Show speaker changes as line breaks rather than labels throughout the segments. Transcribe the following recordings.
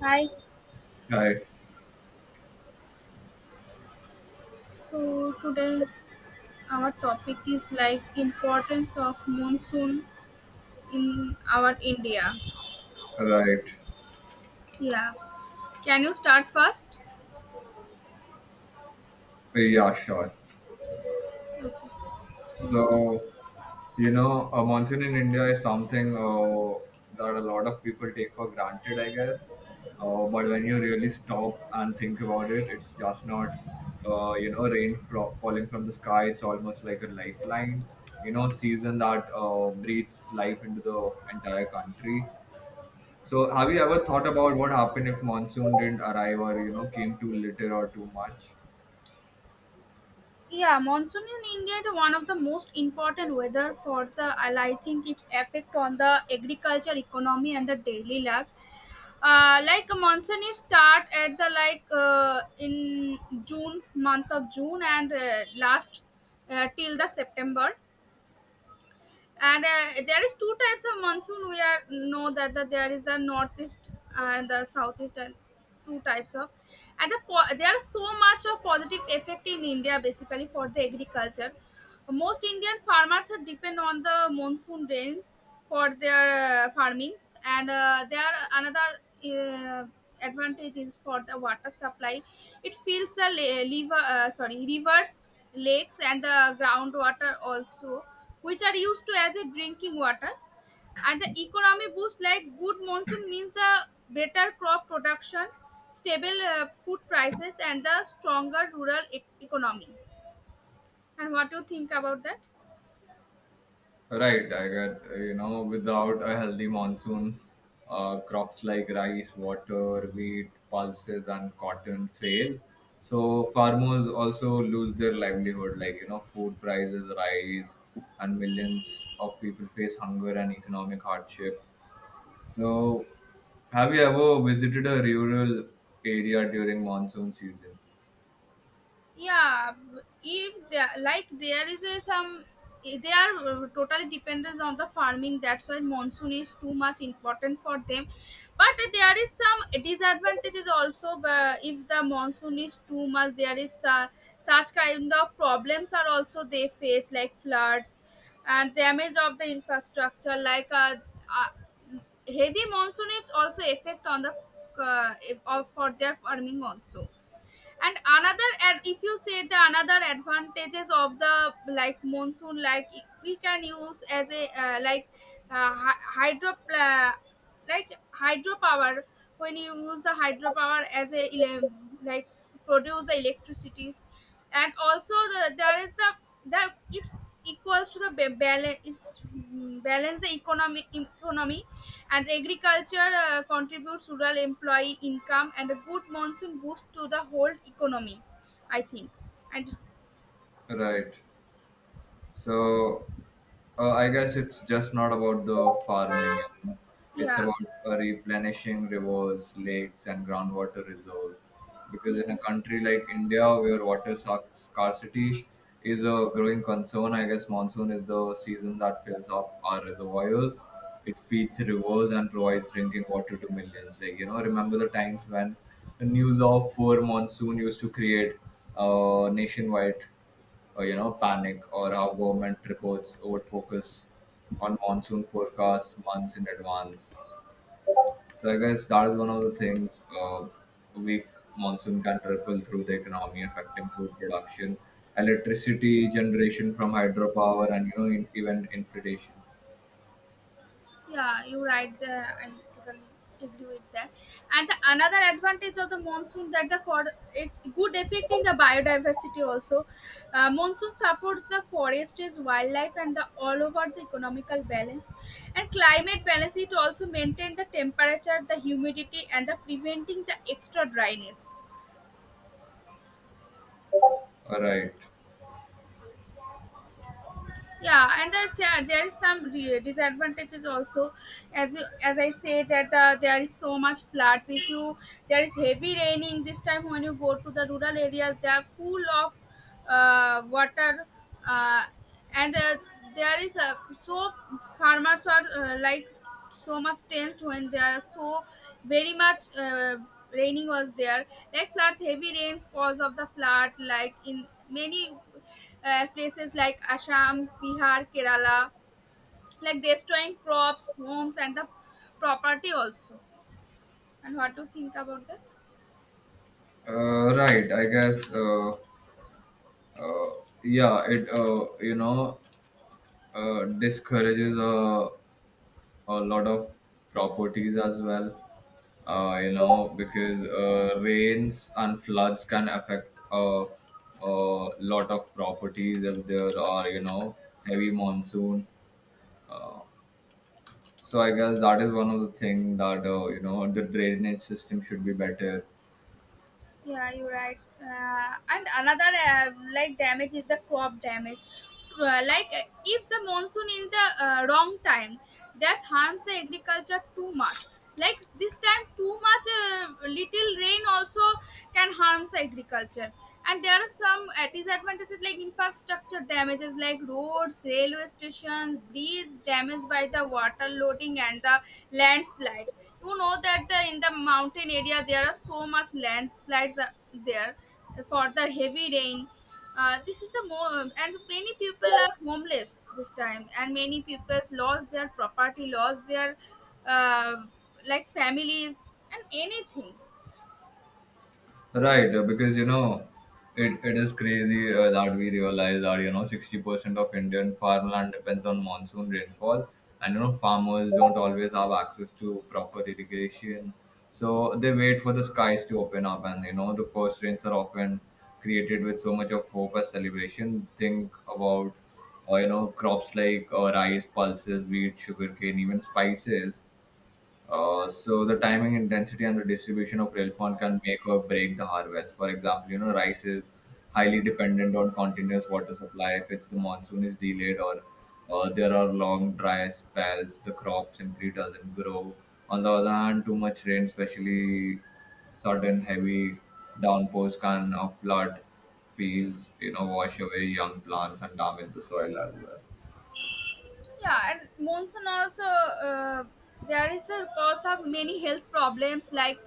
Hi.
Right,
So today's our topic is like importance of monsoon in our India.
right.
Yeah. Can you start first?
Yeah, sure. So, you know, a monsoon in India is something that a lot of people take for granted, I guess. But when you really stop and think about it, it's just not, falling from the sky. It's almost like a lifeline, you know, season that breathes life into the entire country. So, have you ever thought about what happened if monsoon didn't arrive or, you know, came too little or too much?
Yeah, monsoon in India is one of the most important weather for the and I think its effect on the agriculture, economy, and the daily life. Like monsoon is start at the like in June month of June and last till the September and there is two types of monsoon we are know that there is the northeast and the southeast and two types of and the there are so much of positive effect in india basically for the agriculture, most Indian farmers are depend on the monsoon rains for their farmings, and there another uh, advantage is for the water supply. It fills the liver, sorry, rivers, lakes, and the groundwater also, which are used to as a drinking water. And the economy boost like good monsoon means the better crop production, stable food prices, and the stronger rural economy. And what do you think about that?
Right, I get, without a healthy monsoon, crops like rice, water, wheat, pulses, and cotton fail. So farmers also lose their livelihood, like, you know, food prices rise, and millions of people face hunger and economic hardship. So, have you ever visited a rural area during monsoon season?
Yeah, if there, like there is a some, they are totally dependent on the farming, that's why monsoon is too much important for them. But there is some disadvantages also, but if the monsoon is too much there is such kind of problems are also they face like floods and damage of the infrastructure like uh, heavy monsoon is also effect on the uh, for their farming also. And another, and if you say the another advantages of the like monsoon, like we can use as a like uh, hy- hydro pla- like hydropower, when you use the hydropower as a like produce the electricities. And also there is the that it's equals to the balance the economy and agriculture. Contributes rural employee income and a good monsoon boost to the whole economy, I think. And
Right. So I guess it's just not about the farming, you know. It's
yeah.
about replenishing rivers, lakes, and groundwater reserves. Because in a country like India, where scarcity is a growing concern, I guess monsoon is the season that fills up our reservoirs. It feeds rivers and provides drinking water to millions. Like, you know, remember the times when the news of poor monsoon used to create nationwide panic, or how government reports would focus on monsoon forecasts months in advance. So I guess that is one of the things a weak monsoon can trickle through the economy, affecting food production, electricity generation from hydropower, and you know even inflation.
Yeah, you're right. I totally agree with that. And another advantage of the monsoon that the for it good effect in the biodiversity also. Monsoon supports the forests, wildlife, and the all over the economical balance and climate balance. It also maintain the temperature, the humidity, and the preventing the extra dryness.
All right,
Yeah, and there's, yeah, there is some disadvantages also. As you, as I say that the, there is so much floods. If you, there is heavy raining this time, when you go to the rural areas they are full of water, uh, and there is a so, farmers are like so much tensed when there are so very much raining was there. Like floods, heavy rains cause of the flood, like in many places like Assam, Bihar, Kerala, like destroying crops, homes, and the property also. And what do you think about that?
right. I guess uh, yeah. It discourages a lot of properties as well. You know, because rains and floods can affect a lot of properties if there are, you know, heavy monsoon. So I guess that is one of the thing that you know, the drainage system should be better.
Yeah, you're right. And another like damage is the crop damage. If the monsoon in the wrong time, that harms the agriculture too much. Like this time, too much little rain also can harm the agriculture. And there are some disadvantages like infrastructure damages, like roads, railway stations, bridges damaged by the water loading, and the landslides. You know that the in the mountain area there are so much landslides. There, for the heavy rain, this is the more, and many people are homeless this time, and many people's lost their property, lost their uh, like families and anything.
Right, because you know, it is crazy that we realize that you know 60% of Indian farmland depends on monsoon rainfall, and you know farmers don't always have access to proper irrigation, so they wait for the skies to open up, and you know the first rains are often created with so much of hope as celebration. Think about, you know, crops like rice, pulses, wheat, sugarcane, even spices, so the timing, intensity, and the distribution of rail fund can make or break the harvest. For example, you know, rice is highly dependent on continuous water supply. If it's the monsoon is delayed or there are long dry spells, the crop simply doesn't grow. On the other hand, too much rain, especially sudden heavy downpours, can flood fields. You know, wash away young plants and damage the soil as well.
Yeah, and monsoon also, there is the cause of many health problems, like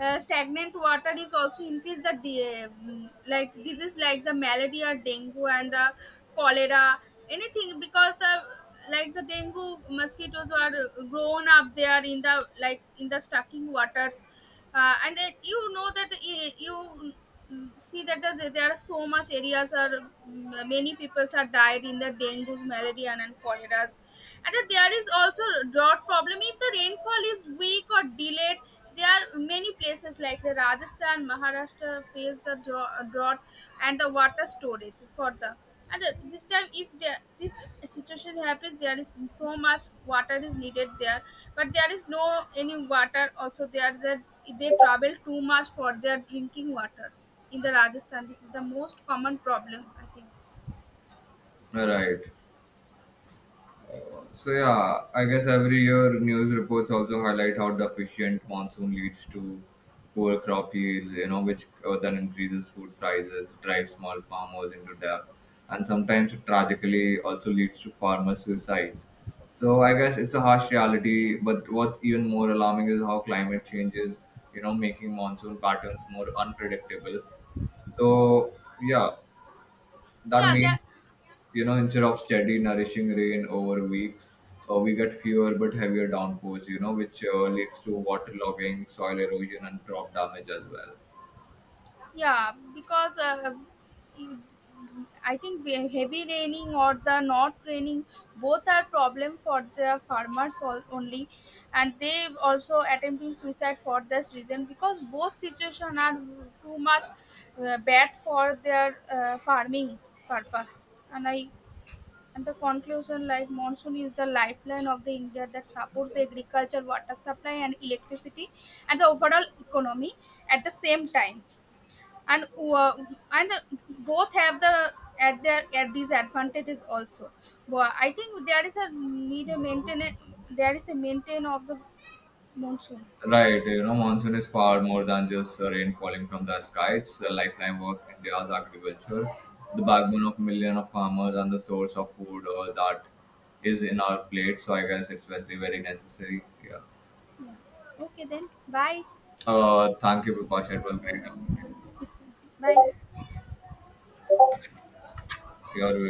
stagnant water is also increase the like disease like the malaria, dengue, and the cholera, anything. Because the, like the dengue mosquitoes are grown up there in the, like in the stocking waters. And it, you know that you, mm, see that the, there are so much areas are, mm, many people are died in the dengue, malaria, and cholera's. And that there is also drought problem. If the rainfall is weak or delayed, there are many places like the rajasthan, maharashtra face the drought. And the water storage for the, and this time if there, this situation happens, there is so much water is needed there, but there is no any water also there, that they travel too much for their drinking waters in the rajasthan. This is the most common problem, I think.
Right. So yeah, I guess every year news reports also highlight how deficient monsoon leads to poor crop yields, you know, which then increases food prices, drives small farmers into debt, and sometimes it tragically also leads to farmer suicides. So I guess it's a harsh reality, but what's even more alarming is how climate change is, you know, making monsoon patterns more unpredictable. So yeah, that
Yeah, there.
means you know, instead of steady nourishing rain over weeks, we get fewer but heavier downpours, you know, which leads to waterlogging, soil erosion, and crop damage as well.
Yeah, because it- I think heavy raining or the not raining both are problem for the farmers only, and they also attempting suicide for this reason, because both situation are too much bad for their farming purpose. And I and the conclusion, like monsoon is the lifeline of the India that supports the agriculture, water supply, and electricity, and the overall economy at the same time. And and both have the at their at these advantages also, but I think there is a need a maintain, there is a maintain of the monsoon.
Right, you know, monsoon is far more than just rain falling from the sky. It's the lifeline of India's agriculture, the backbone of million of farmers, and the source of food that is in our plate. So I guess it's very, very necessary. Yeah,
Yeah, okay, then bye.
thank you, Bipash. It was great talking
Yes, sir. Bye.
to you. You're